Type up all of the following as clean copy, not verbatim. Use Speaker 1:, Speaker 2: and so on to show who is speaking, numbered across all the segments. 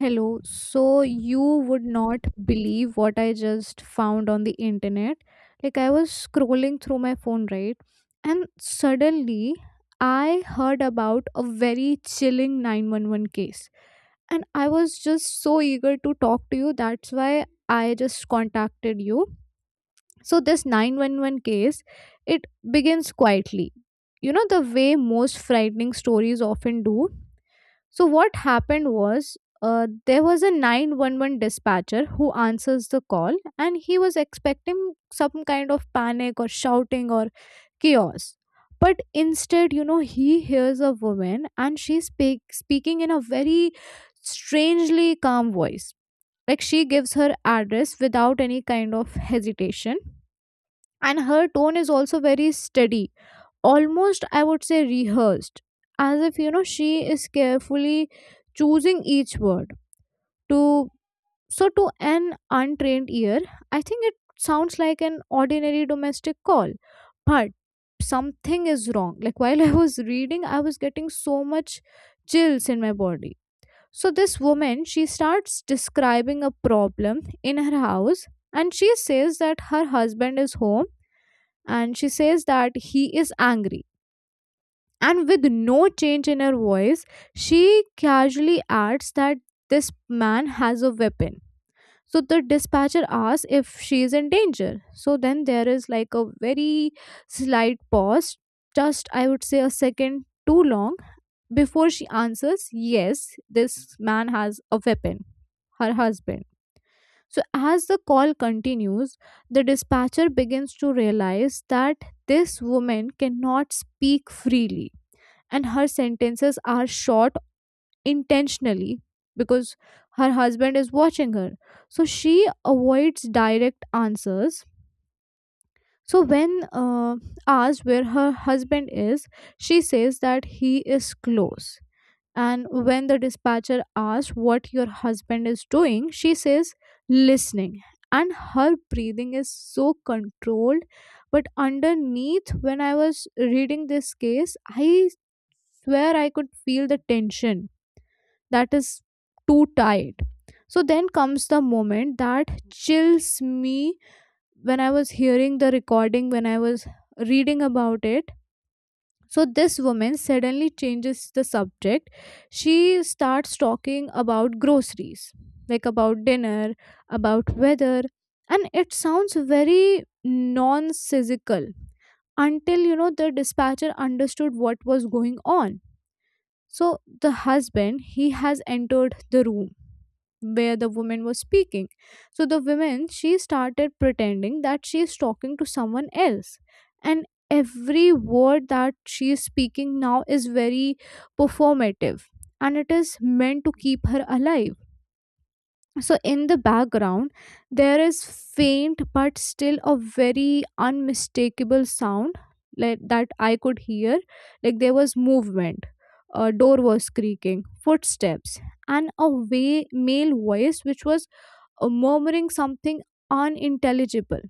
Speaker 1: Hello. So you would not believe what I just found on the internet. Like I was scrolling through my phone, right? And suddenly I heard about a very chilling 911 case. And I was just so eager to talk to you. That's why I just contacted you. So this 911 case, it begins quietly. You know the way most frightening stories often do. So what happened was there was a 911 dispatcher who answers the call, and he was expecting some kind of panic or shouting or chaos. But instead, you know, he hears a woman, and she's speaking in a very strangely calm voice. Like she gives her address without any kind of hesitation. And her tone is also very steady, almost I would say rehearsed, as if, you know, she is carefully choosing each word to, so to an untrained ear, I think it sounds like an ordinary domestic call. But something is wrong. Like while I was reading, I was getting so much chills in my body. So this woman, she starts describing a problem in her house, and she says that her husband is home, and she says that he is angry. And with no change in her voice, she casually adds that this man has a weapon. So the dispatcher asks if she is in danger. So then there is like a very slight pause, just I would say a second too long, before she answers, "Yes, this man has a weapon, her husband." So as the call continues, the dispatcher begins to realize that this woman cannot speak freely, and her sentences are short intentionally because her husband is watching her. So she avoids direct answers. So when asked where her husband is, she says that he is close. And when the dispatcher asks what your husband is doing, she says listening. And her breathing is so controlled, but underneath, when I was reading this case, I swear I could feel the tension that is too tight. So then comes the moment that chills me when I was hearing the recording, when I was reading about it. So this woman suddenly changes the subject. She starts talking about groceries, like about dinner, about weather, and it sounds very nonsensical until, you know, the dispatcher understood what was going on. So the husband, he has entered the room where the woman was speaking. So the woman, she started pretending that she is talking to someone else, and every word that she is speaking now is very performative, and it is meant to keep her alive. So, in the background, there is faint but still a very unmistakable sound, like, that I could hear. Like there was movement, a door was creaking, footsteps, and a way, male voice which was murmuring something unintelligible.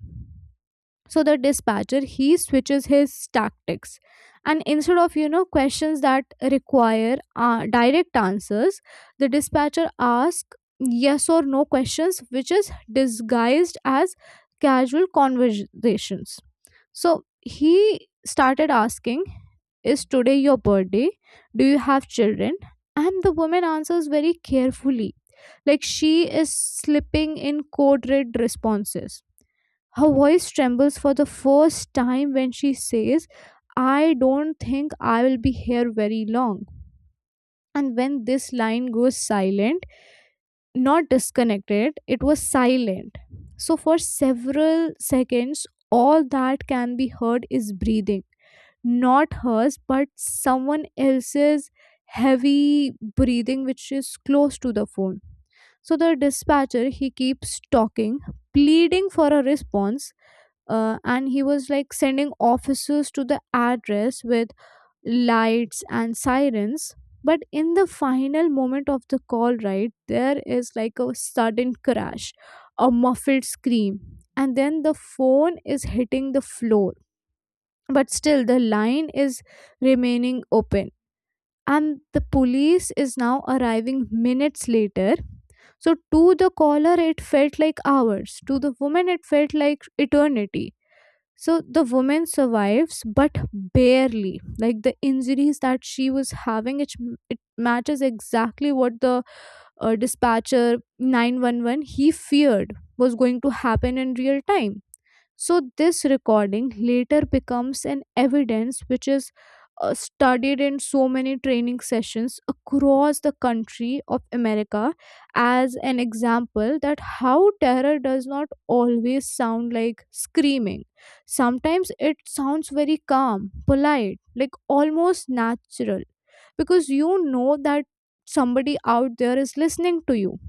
Speaker 1: So the dispatcher, he switches his tactics, and instead of, you know, questions that require direct answers, the dispatcher asks yes or no questions, which is disguised as casual conversations. So he started asking, "Is today your birthday? Do you have children?" And the woman answers very carefully, like she is slipping in code red responses. Her voice trembles for the first time when she says, "I don't think I will be here very long." And when this line goes silent, not disconnected, it was silent. So for several seconds, all that can be heard is breathing, not hers but someone else's, heavy breathing which is close to the phone. So the dispatcher, he keeps talking, pleading for a response, and he was like sending officers to the address with lights and sirens. But in the final moment of the call, right, there is like a sudden crash, a muffled scream, and then the phone is hitting the floor, but still the line is remaining open. And the police is now arriving minutes later. So to the caller it felt like hours, to the woman it felt like eternity. So the woman survives but barely, like the injuries that she was having, it matches exactly what the dispatcher 911 he feared was going to happen in real time. So, this recording later becomes an evidence which is studied in so many training sessions across the country of America, as an example that how terror does not always sound like screaming. Sometimes it sounds very calm, polite, like almost natural, because you know that somebody out there is listening to you.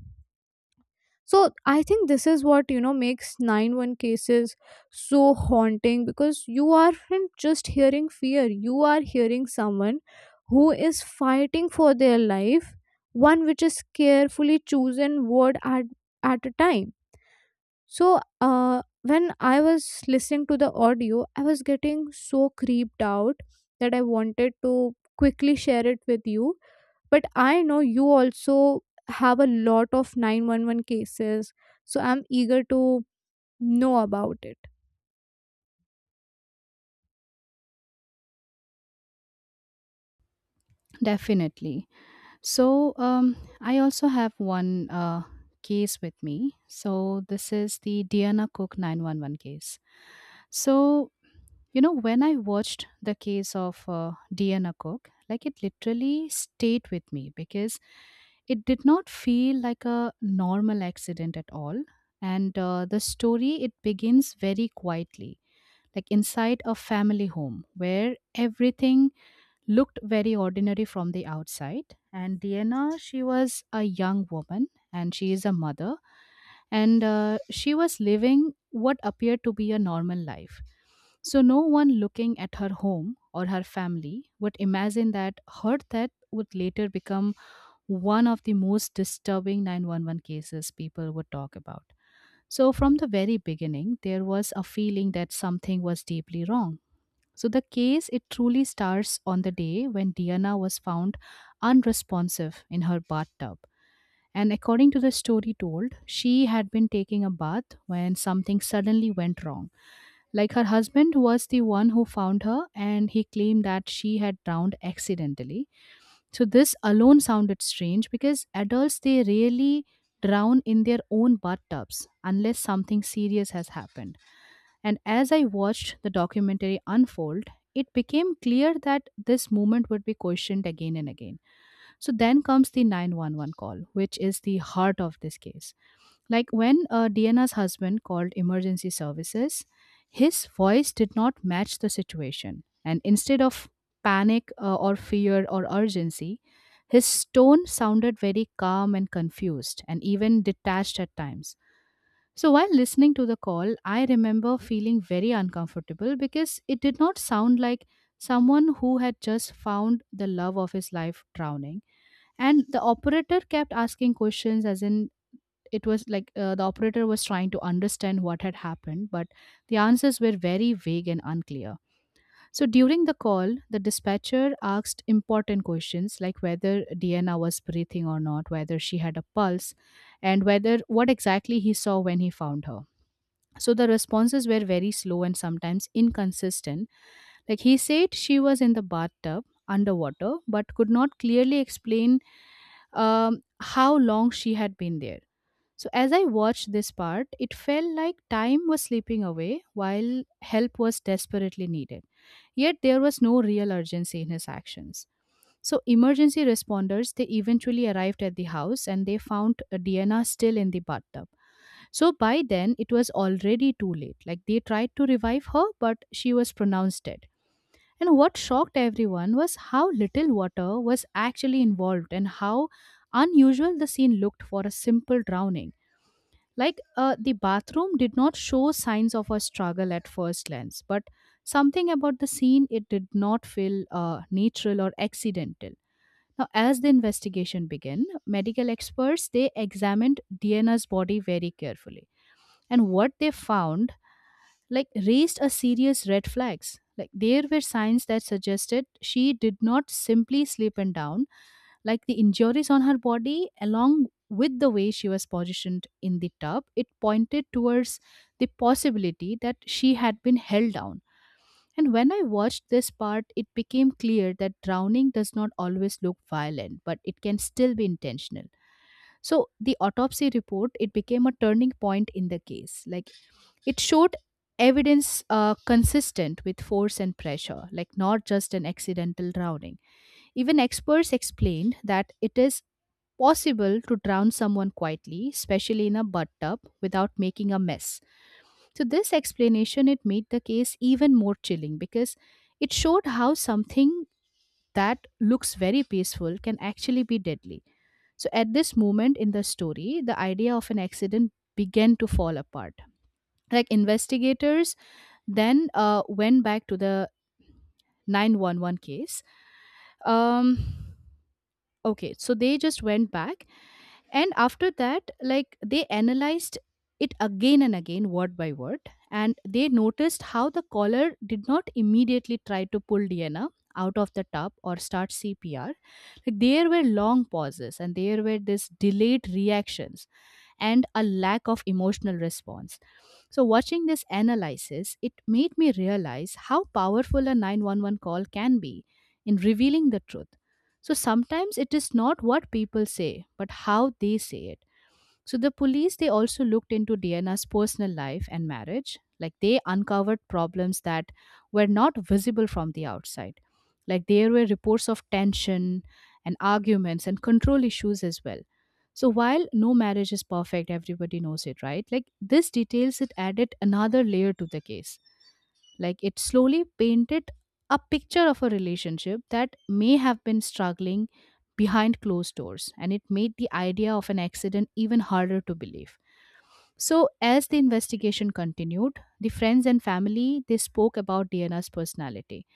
Speaker 1: So I think this is what, you know, makes nine one cases so haunting, because you aren't just hearing fear, you are hearing someone who is fighting for their life, one which is carefully chosen word at a time. So when I was listening to the audio, I was getting so creeped out that I wanted to quickly share it with you. But I know you also have a lot of 911 cases, so I'm eager to know about it.
Speaker 2: Definitely. I also have one case with me. So, this is the Diana Cook 911 case. So, when I watched the case of Diana Cook, like it literally stayed with me because it did not feel like a normal accident at all. And the story, it begins very quietly, like inside a family home where everything looked very ordinary from the outside. And Diana, she was a young woman and she is a mother, and she was living what appeared to be a normal life. So, no one looking at her home or her family would imagine that her death would later become one of the most disturbing 911 cases people would talk about. So, from the very beginning, there was a feeling that something was deeply wrong. So the case it truly starts on the day when Diana was found unresponsive in her bathtub. And according to the story told, she had been taking a bath when something suddenly went wrong. Like her husband was the one who found her and he claimed that she had drowned accidentally. So this alone sounded strange because adults they rarely drown in their own bathtubs unless something serious has happened. And as I watched the documentary unfold, it became clear that this movement would be questioned again and again. So then comes the 911 call, which is the heart of this case. Like when Diana's husband called emergency services, his voice did not match the situation. And instead of panic, or fear or urgency, his tone sounded very calm and confused and even detached at times. So while listening to the call, I remember feeling very uncomfortable because it did not sound like someone who had just found the love of his life drowning. And the operator kept asking questions, as in, it was like the operator was trying to understand what had happened, but the answers were very vague and unclear. So during the call, the dispatcher asked important questions like whether Diana was breathing or not, whether she had a pulse, and whether what exactly he saw when he found her. So the responses were very slow and sometimes inconsistent. Like he said, she was in the bathtub underwater, but could not clearly explain how long she had been there. So as I watched this part, it felt like time was slipping away while help was desperately needed. Yet there was no real urgency in his actions. So emergency responders they eventually arrived at the house and they found Diana still in the bathtub. So by then, it was already too late. Like they tried to revive her, but she was pronounced dead. And what shocked everyone was how little water was actually involved and how unusual the scene looked for a simple drowning. Like the bathroom did not show signs of a struggle at first glance, but something about the scene it did not feel natural or accidental. Now, as the investigation began, medical experts they examined Diana's body very carefully and what they found like raised a serious red flags, like there were signs that suggested she did not simply slip and down, like the injuries on her body along with the way she was positioned in the tub it pointed towards the possibility that she had been held down. And when I watched this part, it became clear that drowning does not always look violent, but it can still be intentional. So the autopsy report it became a turning point in the case. Like it showed evidence consistent with force and pressure, like not just an accidental drowning. Even experts explained that it is possible to drown someone quietly, especially in a bathtub, without making a mess. So this explanation it made the case even more chilling because it showed how something that looks very peaceful can actually be deadly. So at this moment in the story, the idea of an accident began to fall apart. Like investigators then went back to the 911 case, um okay, so they just went back and after that like they analyzed it again and again word by word, and they noticed how the caller did not immediately try to pull Diana out of the tub or start CPR. Like there were long pauses and there were this delayed reactions and a lack of emotional response. So, watching this analysis, it made me realize how powerful a 911 call can be in revealing the truth. So, sometimes it is not what people say, but how they say it. So the police they also looked into Diana's personal life and marriage. Like they uncovered problems that were not visible from the outside. Like there were reports of tension and arguments and control issues as well. So while no marriage is perfect, everybody knows it, right? Like this details it added another layer to the case. Like it slowly painted a picture of a relationship that may have been struggling behind closed doors, and it made the idea of an accident even harder to believe. So, as the investigation continued, the friends and family they spoke about Diana's personality.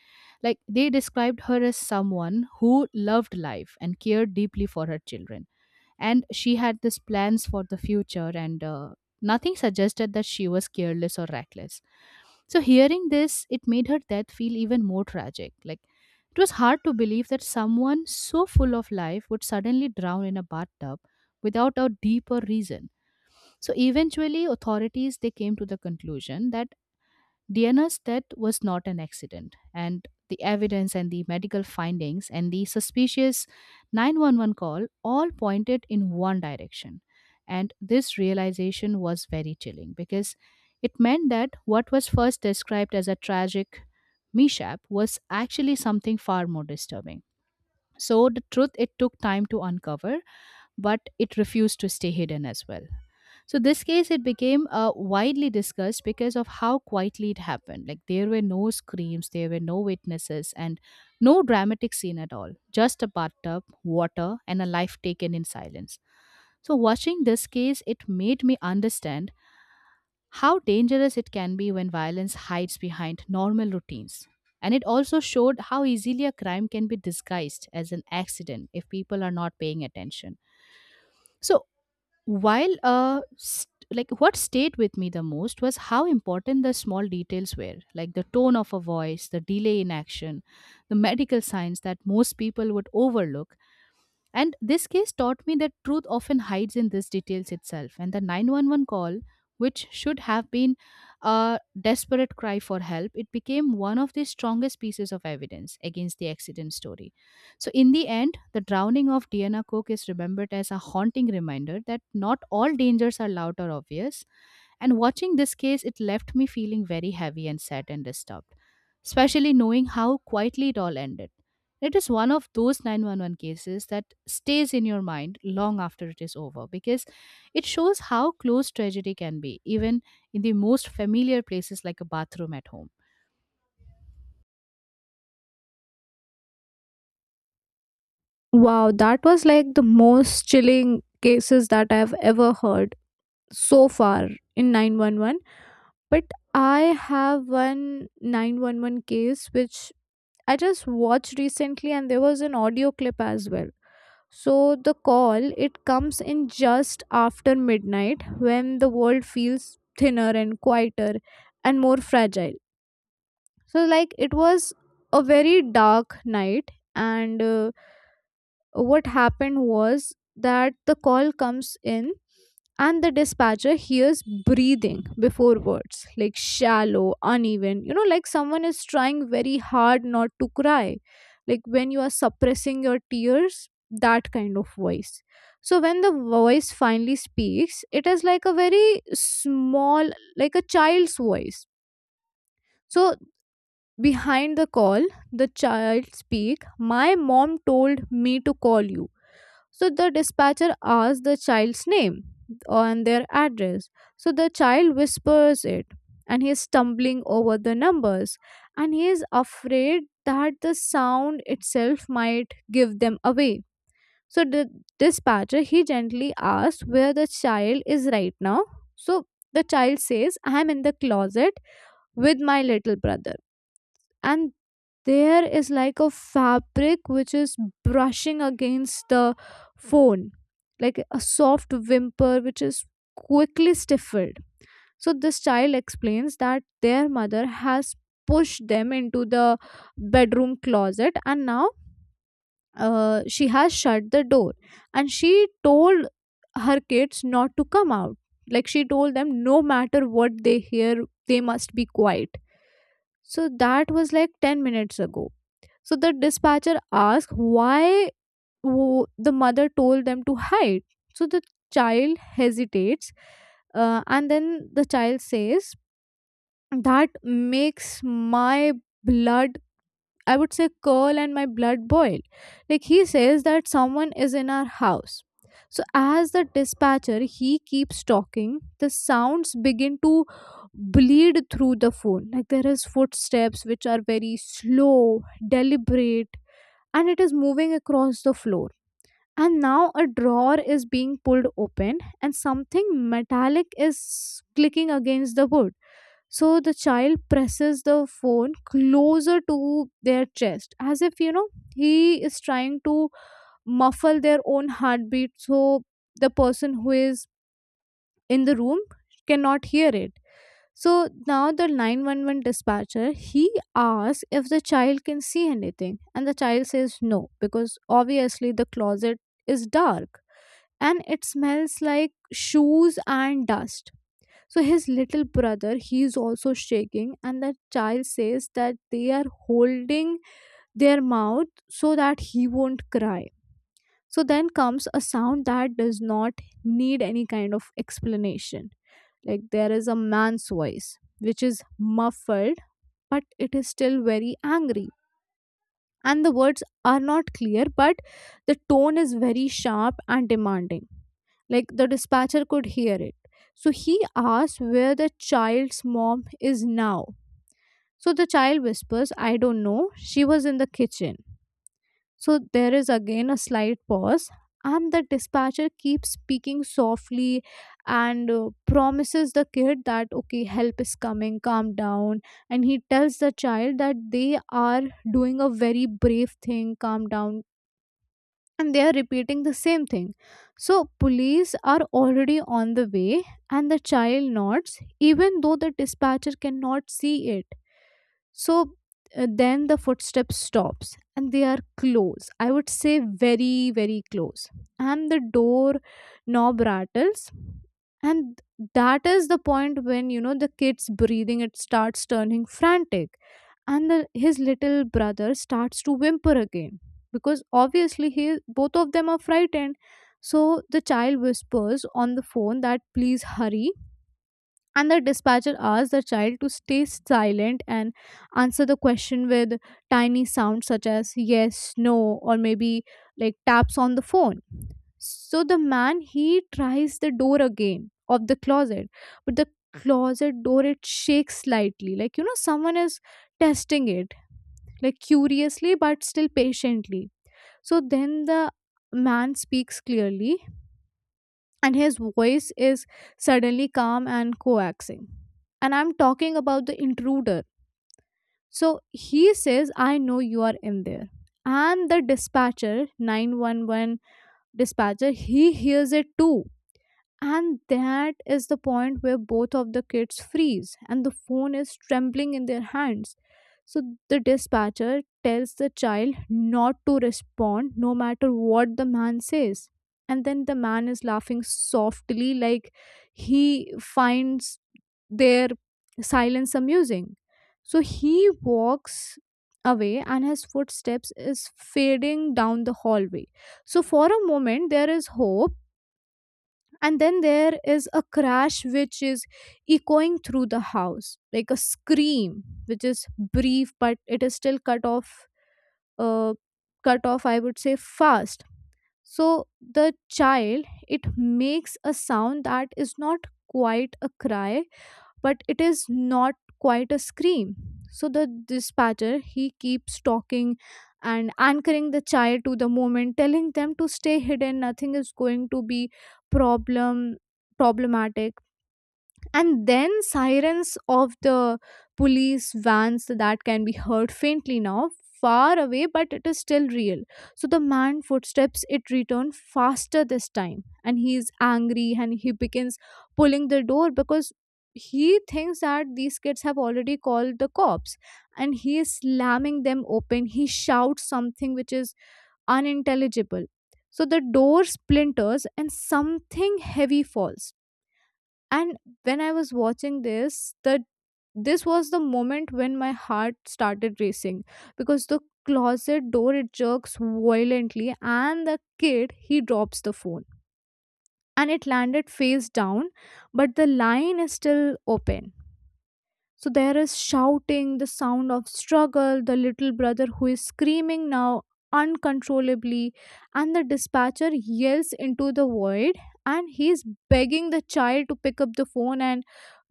Speaker 2: Like they described her as someone who loved life and cared deeply for her children, and she had these plans for the future, and nothing suggested that she was careless or reckless. So hearing this, it made her death feel even more tragic. Like it was hard to believe that someone so full of life would suddenly drown in a bathtub without a deeper reason. So eventually authorities they came to the conclusion that Diana's death was not an accident, and the evidence and the medical findings and the suspicious 911 call all pointed in one direction. And this realization was very chilling because it meant that what was first described as a tragic mishap was actually something far more disturbing. So, the truth it took time to uncover, but it refused to stay hidden as well. So this case it became widely discussed because of how quietly it happened. Like there were no screams, there were no witnesses, and no dramatic scene at all. Just a bathtub, water, and a life taken in silence. So watching this case, it made me understand how dangerous it can be when violence hides behind normal routines. And it also showed how easily a crime can be disguised as an accident if people are not paying attention. So, like what stayed with me the most was how important the small details were, like the tone of a voice, the delay in action, the medical signs that most people would overlook, and this case taught me that truth often hides in these details itself. And the 911 call, which should have been a desperate cry for help, it became one of the strongest pieces of evidence against the accident story. So, in the end, the drowning of Diana Cook is remembered as a haunting reminder that not all dangers are loud or obvious, and watching this case, it left me feeling very heavy and sad and disturbed, especially knowing how quietly it all ended. It is one of those 911 cases that stays in your mind long after it is over because it shows how close tragedy can be, even in the most familiar places like a bathroom at home.
Speaker 1: Wow, that was like the most chilling cases that I've ever heard so far in 911. But I have one 911 case which I just watched recently, and there was an audio clip as well. So the call, it comes in just after midnight when the world feels thinner and quieter and more fragile. So like it was a very dark night, and what happened was that the call comes in, and the dispatcher hears breathing before words, like shallow, uneven, you know, like someone is trying very hard not to cry, like when you are suppressing your tears, that kind of voice. So when the voice finally speaks, it is like a very small, like a child's voice. So behind the call, the child speak, "My mom told me to call you." So the dispatcher asks the child's name and their address. So the child whispers it, and he is stumbling over the numbers, and he is afraid that the sound itself might give them away. So the dispatcher, he gently asks where the child is right now. So the child says, "I am in the closet with my little brother," and there is like a fabric which is brushing against the phone, like a soft whimper which is quickly stifled. So this child explains that their mother has pushed them into the bedroom closet, and now she has shut the door, and she told her kids not to come out. Like she told them, no matter what they hear, they must be quiet. So that was like 10 minutes ago. So the dispatcher asked why the mother told them to hide. So the child hesitates, and then the child says, "That makes my blood, I would say, curl and my blood boil." Like he says that someone is in our house. So, as the dispatcher, he keeps talking, the sounds begin to bleed through the phone. Like there is footsteps which are very slow, deliberate, and it is moving across the floor. And now a drawer is being pulled open, and something metallic is clicking against the wood. So the child presses the phone closer to their chest as if, you know, he is trying to muffle their own heartbeat so the person who is in the room cannot hear it. So now the 911 dispatcher, he asks if the child can see anything, and the child says no, because obviously the closet is dark and it smells like shoes and dust. So his little brother, he is also shaking, and the child says that they are holding their mouth so that he won't cry. So then comes a sound that does not need any kind of explanation. Like there is a man's voice, which is muffled, but it is still very angry. And the words are not clear, but the tone is very sharp and demanding. Like the dispatcher could hear it. So he asks where the child's mom is now. So the child whispers, "I don't know, she was in the kitchen." So there is again a slight pause, and the dispatcher keeps speaking softly and promises the kid that, okay, help is coming, calm down. And he tells the child that they are doing a very brave thing, calm down. And they are repeating the same thing. So, police are already on the way, and the child nods, even though the dispatcher cannot see it. So then the footsteps stops, and they are close, I would say very close. And the door knob rattles, and that is the point when, you know, the kid's breathing, it starts turning frantic, and the, his little brother starts to whimper again, because obviously he both of them are frightened. So the child whispers on the phone that please hurry. And the dispatcher asked the child to stay silent and answer the question with tiny sounds such as yes, no, or maybe, like taps on the phone. So the man he tries the door again of the closet, but the closet door it shakes slightly, like someone is testing it like curiously but still patiently. So then the man speaks clearly and his voice is suddenly calm and coaxing. And I'm talking about the intruder. So he says, I know you are in there. And the dispatcher, 911 dispatcher, he hears it too. And that is the point where both of the kids freeze and the phone is trembling in their hands. So the dispatcher tells the child not to respond no matter what the man says. And then the man is laughing softly, like he finds their silence amusing. So he walks away and his footsteps is fading down the hallway. So for a moment, there is hope, and then there is a crash which is echoing through the house like a scream which is brief but it is still uh, cut off I would say fast. So the child it makes a sound that is not quite a cry but it is not quite a scream. So the dispatcher he keeps talking and anchoring the child to the moment, telling them to stay hidden, nothing is going to be problem problematic. And then sirens of the police vans that can be heard faintly now, far away but it is still real. So the man footsteps it returned faster this time, and he is angry and he begins pulling the door because he thinks that these kids have already called the cops, and he is slamming them open. He shouts something which is unintelligible. So the door splinters and something heavy falls. And when I was watching this, the this was the moment when my heart started racing because the closet door it jerks violently and the kid he drops the phone and it landed face down, but the line is still open. So there is shouting, the sound of struggle, the little brother who is screaming now uncontrollably, and the dispatcher yells into the void and he's begging the child to pick up the phone and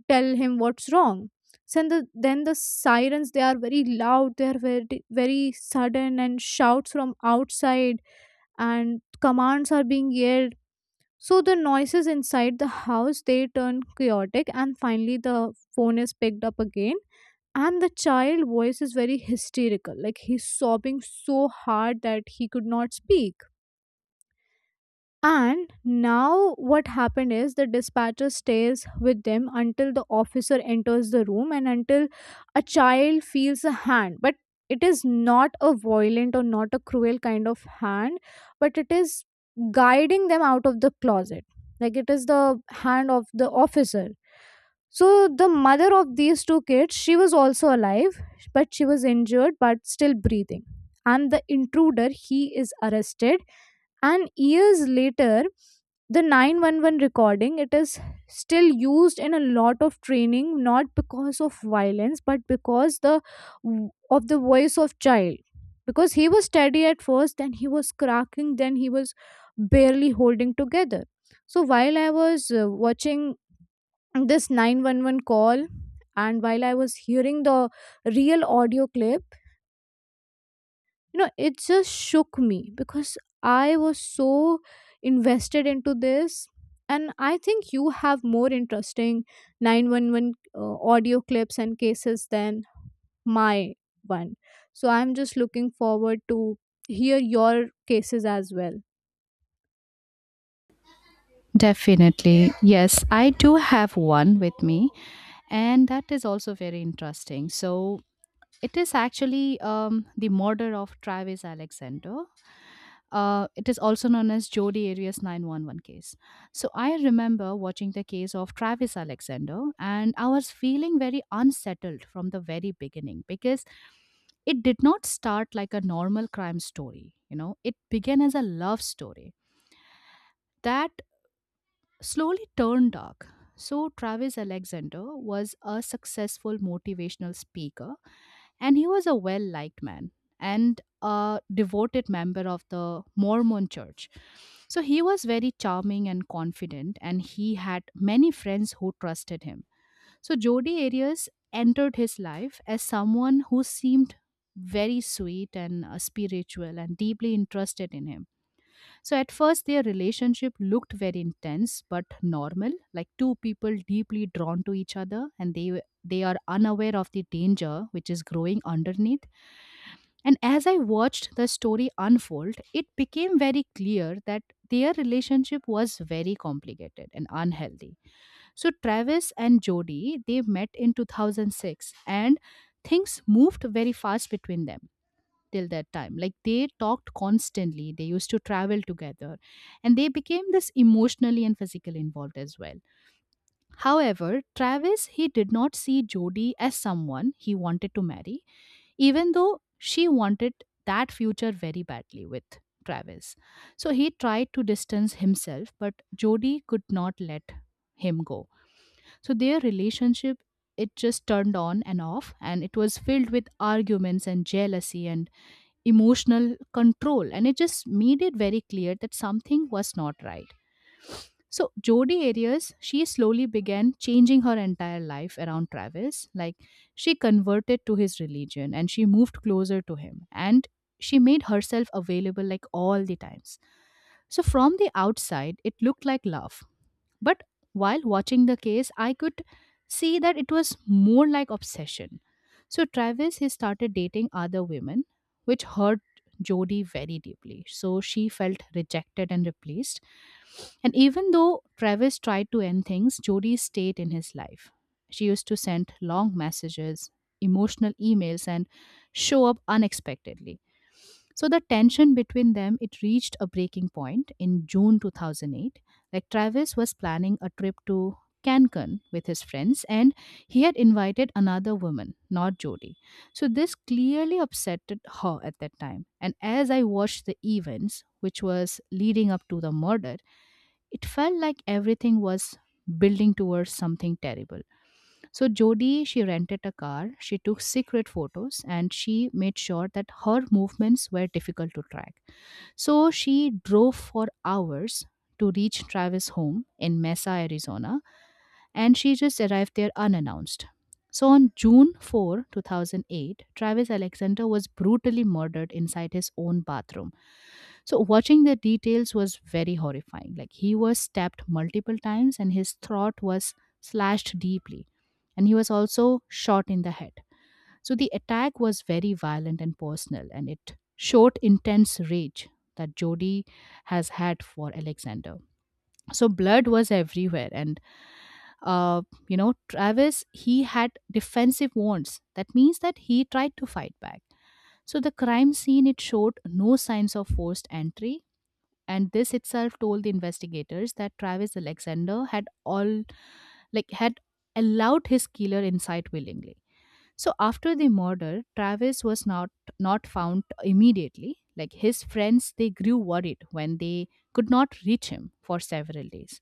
Speaker 1: tell him what's wrong. So then the sirens they are very loud, they are very, very sudden, and shouts from outside and commands are being yelled. So the noises inside the house they turn chaotic, and finally the phone is picked up again, and the child voice is very hysterical like he's sobbing so hard that he could not speak. And now what happened is the dispatcher stays with them until the officer enters the room and until a child feels a hand. But it is not a violent or not a cruel kind of hand, but it is guiding them out of the closet. Like it is the hand of the officer. So the mother of these two kids, she was also alive, but she was injured but still breathing. And the intruder, he is arrested, and years later the 911 recording it is still used in a lot of training, not because of violence but because the of the voice of child, because he was steady at first, then he was cracking, then he was barely holding together. So while I was watching this 911 call and while I was hearing the real audio clip, you know, it just shook me because I was so invested into this. And I think you have more interesting 911 audio clips and cases than my one, so I'm just looking forward to hear your cases as well.
Speaker 2: Definitely. Yes, I do have one with me, and that is also very interesting. So, it is actually the murder of Travis Alexander. It is also known as Jodi Arias 911 case. So I remember watching the case of Travis Alexander, and I was feeling very unsettled from the very beginning because it did not start like a normal crime story. You know, it began as a love story that slowly turned dark. So, Travis Alexander was a successful motivational speaker, and he was a well liked man and a devoted member of the Mormon church. So, he was very charming and confident, and he had many friends who trusted him. So, Jody Arias entered his life as someone who seemed very sweet and spiritual and deeply interested in him. So at first, their relationship looked very intense but normal, like two people deeply drawn to each other, and they are unaware of the danger which is growing underneath. And as I watched the story unfold, it became very clear that their relationship was very complicated and unhealthy. So Travis and Jody they met in 2006, and things moved very fast between them till that time. Like they talked constantly, they used to travel together, and they became this emotionally and physically involved as well. However, Travis he did not see Jody as someone he wanted to marry, even though she wanted that future very badly with Travis. So he tried to distance himself, but Jody could not let him go. So their relationship it just turned on and off and it was filled with arguments and jealousy and emotional control and it just made it very clear that something was not right. So Jodi Arias, she slowly began changing her entire life around Travis. Like, she converted to his religion and she moved closer to him, and she made herself available like all the times. So from the outside it looked like love, but while watching the case, I could see that it was more like obsession. So Travis he started dating other women, which hurt Jody very deeply. So she felt rejected and replaced. And even though Travis tried to end things, Jody stayed in his life. She used to send long messages, emotional emails, and show up unexpectedly. So the tension between them it reached a breaking point in June 2008. Like, Travis was planning a trip to Cancun with his friends, and he had invited another woman, not Jody. So this clearly upset her at that time. And as I watched the events which was leading up to the murder, it felt like everything was building towards something terrible. So Jodi, she rented a car, she took secret photos, and she made sure that her movements were difficult to track. So she drove for hours to reach Travis' home in Mesa, Arizona, and she just arrived there unannounced. So on June 4, 2008, Travis Alexander was brutally murdered inside his own bathroom. So watching the details was very horrifying. Like, he was stabbed multiple times and his throat was slashed deeply. And he was also shot in the head. So the attack was very violent and personal, and it showed intense rage that Jody has had for Alexander. So blood was everywhere, and uh, Travis he had defensive wounds. That means that he tried to fight back. So the crime scene it showed no signs of forced entry, and this itself told the investigators that Travis Alexander had allowed his killer inside willingly. So after the murder, Travis was not found immediately. Like, his friends, they grew worried when they could not reach him for several days.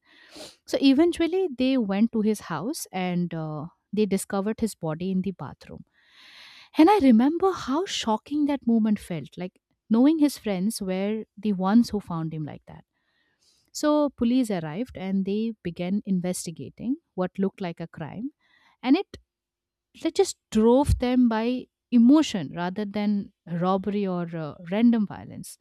Speaker 2: So eventually, they went to his house and they discovered his body in the bathroom. And I remember how shocking that moment felt. Like, knowing his friends were the ones who found him like that. So police arrived and they began investigating what looked like a crime, and it that just drove them by emotion rather than robbery or random violence.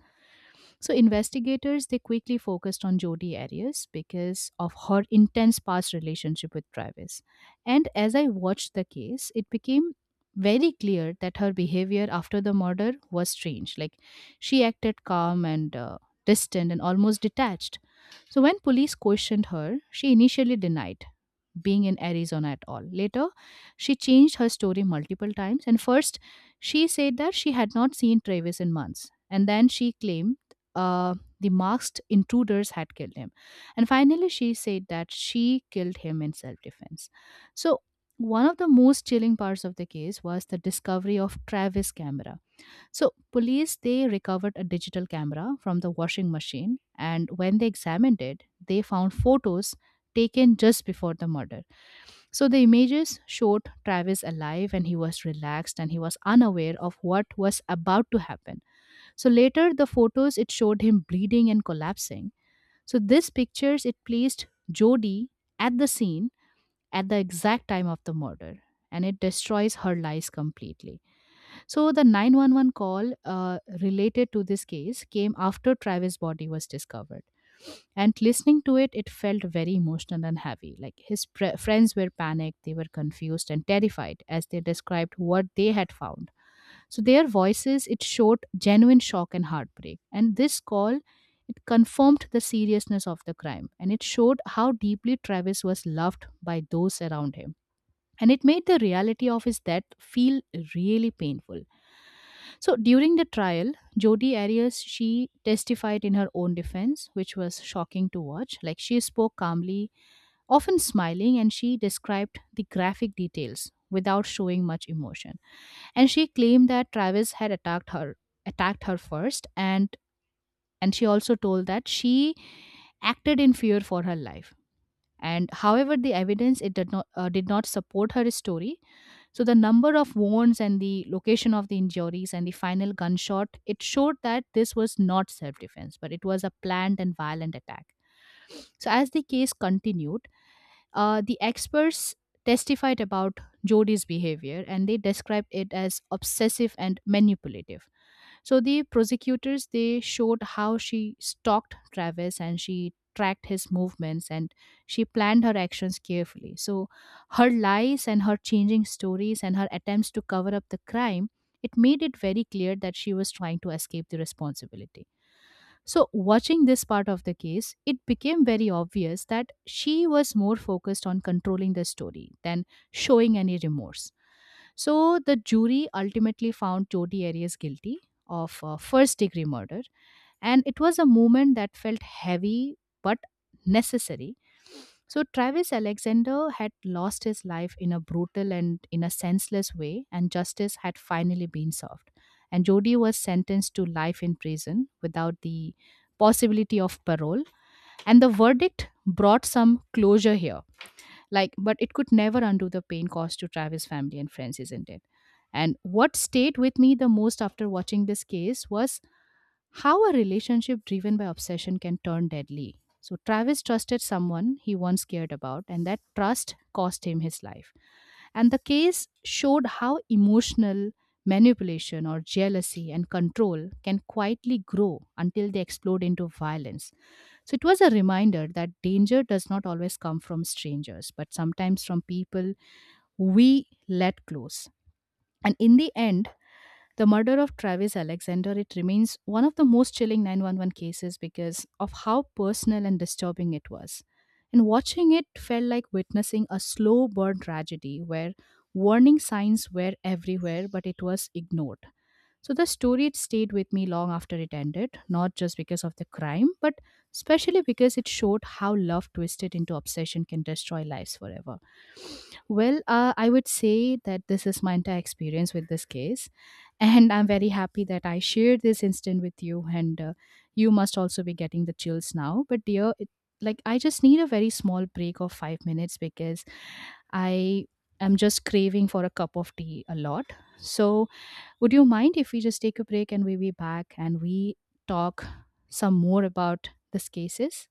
Speaker 2: So investigators they quickly focused on Jodi Arias because of her intense past relationship with Travis. And as I watched the case, it became very clear that her behavior after the murder was strange. Like, she acted calm and distant and almost detached. So when police questioned her, she initially denied being in Arizona at all. Later, she changed her story multiple times, and first she said that she had not seen Travis in months. And then she claimed uh, the masked intruders had killed him. And finally, she said that she killed him in self defense. So, one of the most chilling parts of the case was the discovery of Travis camera. So, police they recovered a digital camera from the washing machine, and when they examined it, they found photos taken just before the murder. So the images showed Travis alive, and he was relaxed and he was unaware of what was about to happen. So later, the photos it showed him bleeding and collapsing. So these pictures it placed Jody at the scene at the exact time of the murder, and it destroys her lies completely. So the 911 call related to this case came after Travis' body was discovered, and listening to it, it felt very emotional and heavy. Like, his friends were panicked, they were confused and terrified as they described what they had found. So their voices it showed genuine shock and heartbreak. And this call it confirmed the seriousness of the crime and it showed how deeply Travis was loved by those around him. And it made the reality of his death feel really painful. So during the trial, Jodi Arias she testified in her own defense, which was shocking to watch. Like, she spoke calmly, often smiling, and she described the graphic details without showing much emotion. And she claimed that Travis had attacked her first, and she also told that she acted in fear for her life. And however, the evidence it did not support her story. So the number of wounds and the location of the injuries and the final gunshot it showed that this was not self defense, but it was a planned and violent attack. So as the case continued, the experts testified about Jody's behavior, and they described it as obsessive and manipulative. So the prosecutors they showed how she stalked Travis and she tracked his movements and she planned her actions carefully. So her lies and her changing stories and her attempts to cover up the crime, it made it very clear that she was trying to escape the responsibility. So, watching this part of the case, it became very obvious that she was more focused on controlling the story than showing any remorse. So, the jury ultimately found Jodi Arias guilty of first degree murder, and it was a moment that felt heavy but necessary. So, Travis Alexander had lost his life in a brutal and in a senseless way, and justice had finally been served. And Jody was sentenced to life in prison without the possibility of parole. And the verdict brought some closure here, like, but it could never undo the pain caused to Travis' family and friends, isn't it? And what stayed with me the most after watching this case was how a relationship driven by obsession can turn deadly. So, Travis trusted someone he once cared about, and that trust cost him his life. And the case showed how emotional manipulation or jealousy and control can quietly grow until they explode into violence. So, it was a reminder that danger does not always come from strangers, but sometimes from people we let close. And in the end, the murder of Travis Alexander, it remains one of the most chilling 911 cases because of how personal and disturbing it was. And watching it felt like witnessing a slow burn tragedy where warning signs were everywhere, but it was ignored. So the story stayed with me long after it ended, not just because of the crime, but especially because it showed how love twisted into obsession can destroy lives forever. Well, I would say that this is my entire experience with this case, and I'm very happy that I shared this instant with you. And you must also be getting the chills now. But dear, like, I just need a very small break of 5 minutes because I am just craving for a cup of tea a lot. So would you mind if we just take a break and we'll be back and we talk some more about these cases?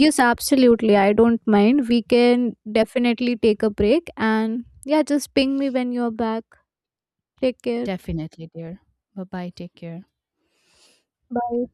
Speaker 1: Yes, absolutely, I don't mind, we can definitely take a break, and yeah, just ping me when you're back. Take care.
Speaker 2: Definitely, dear. Bye bye. Take care.
Speaker 1: Bye.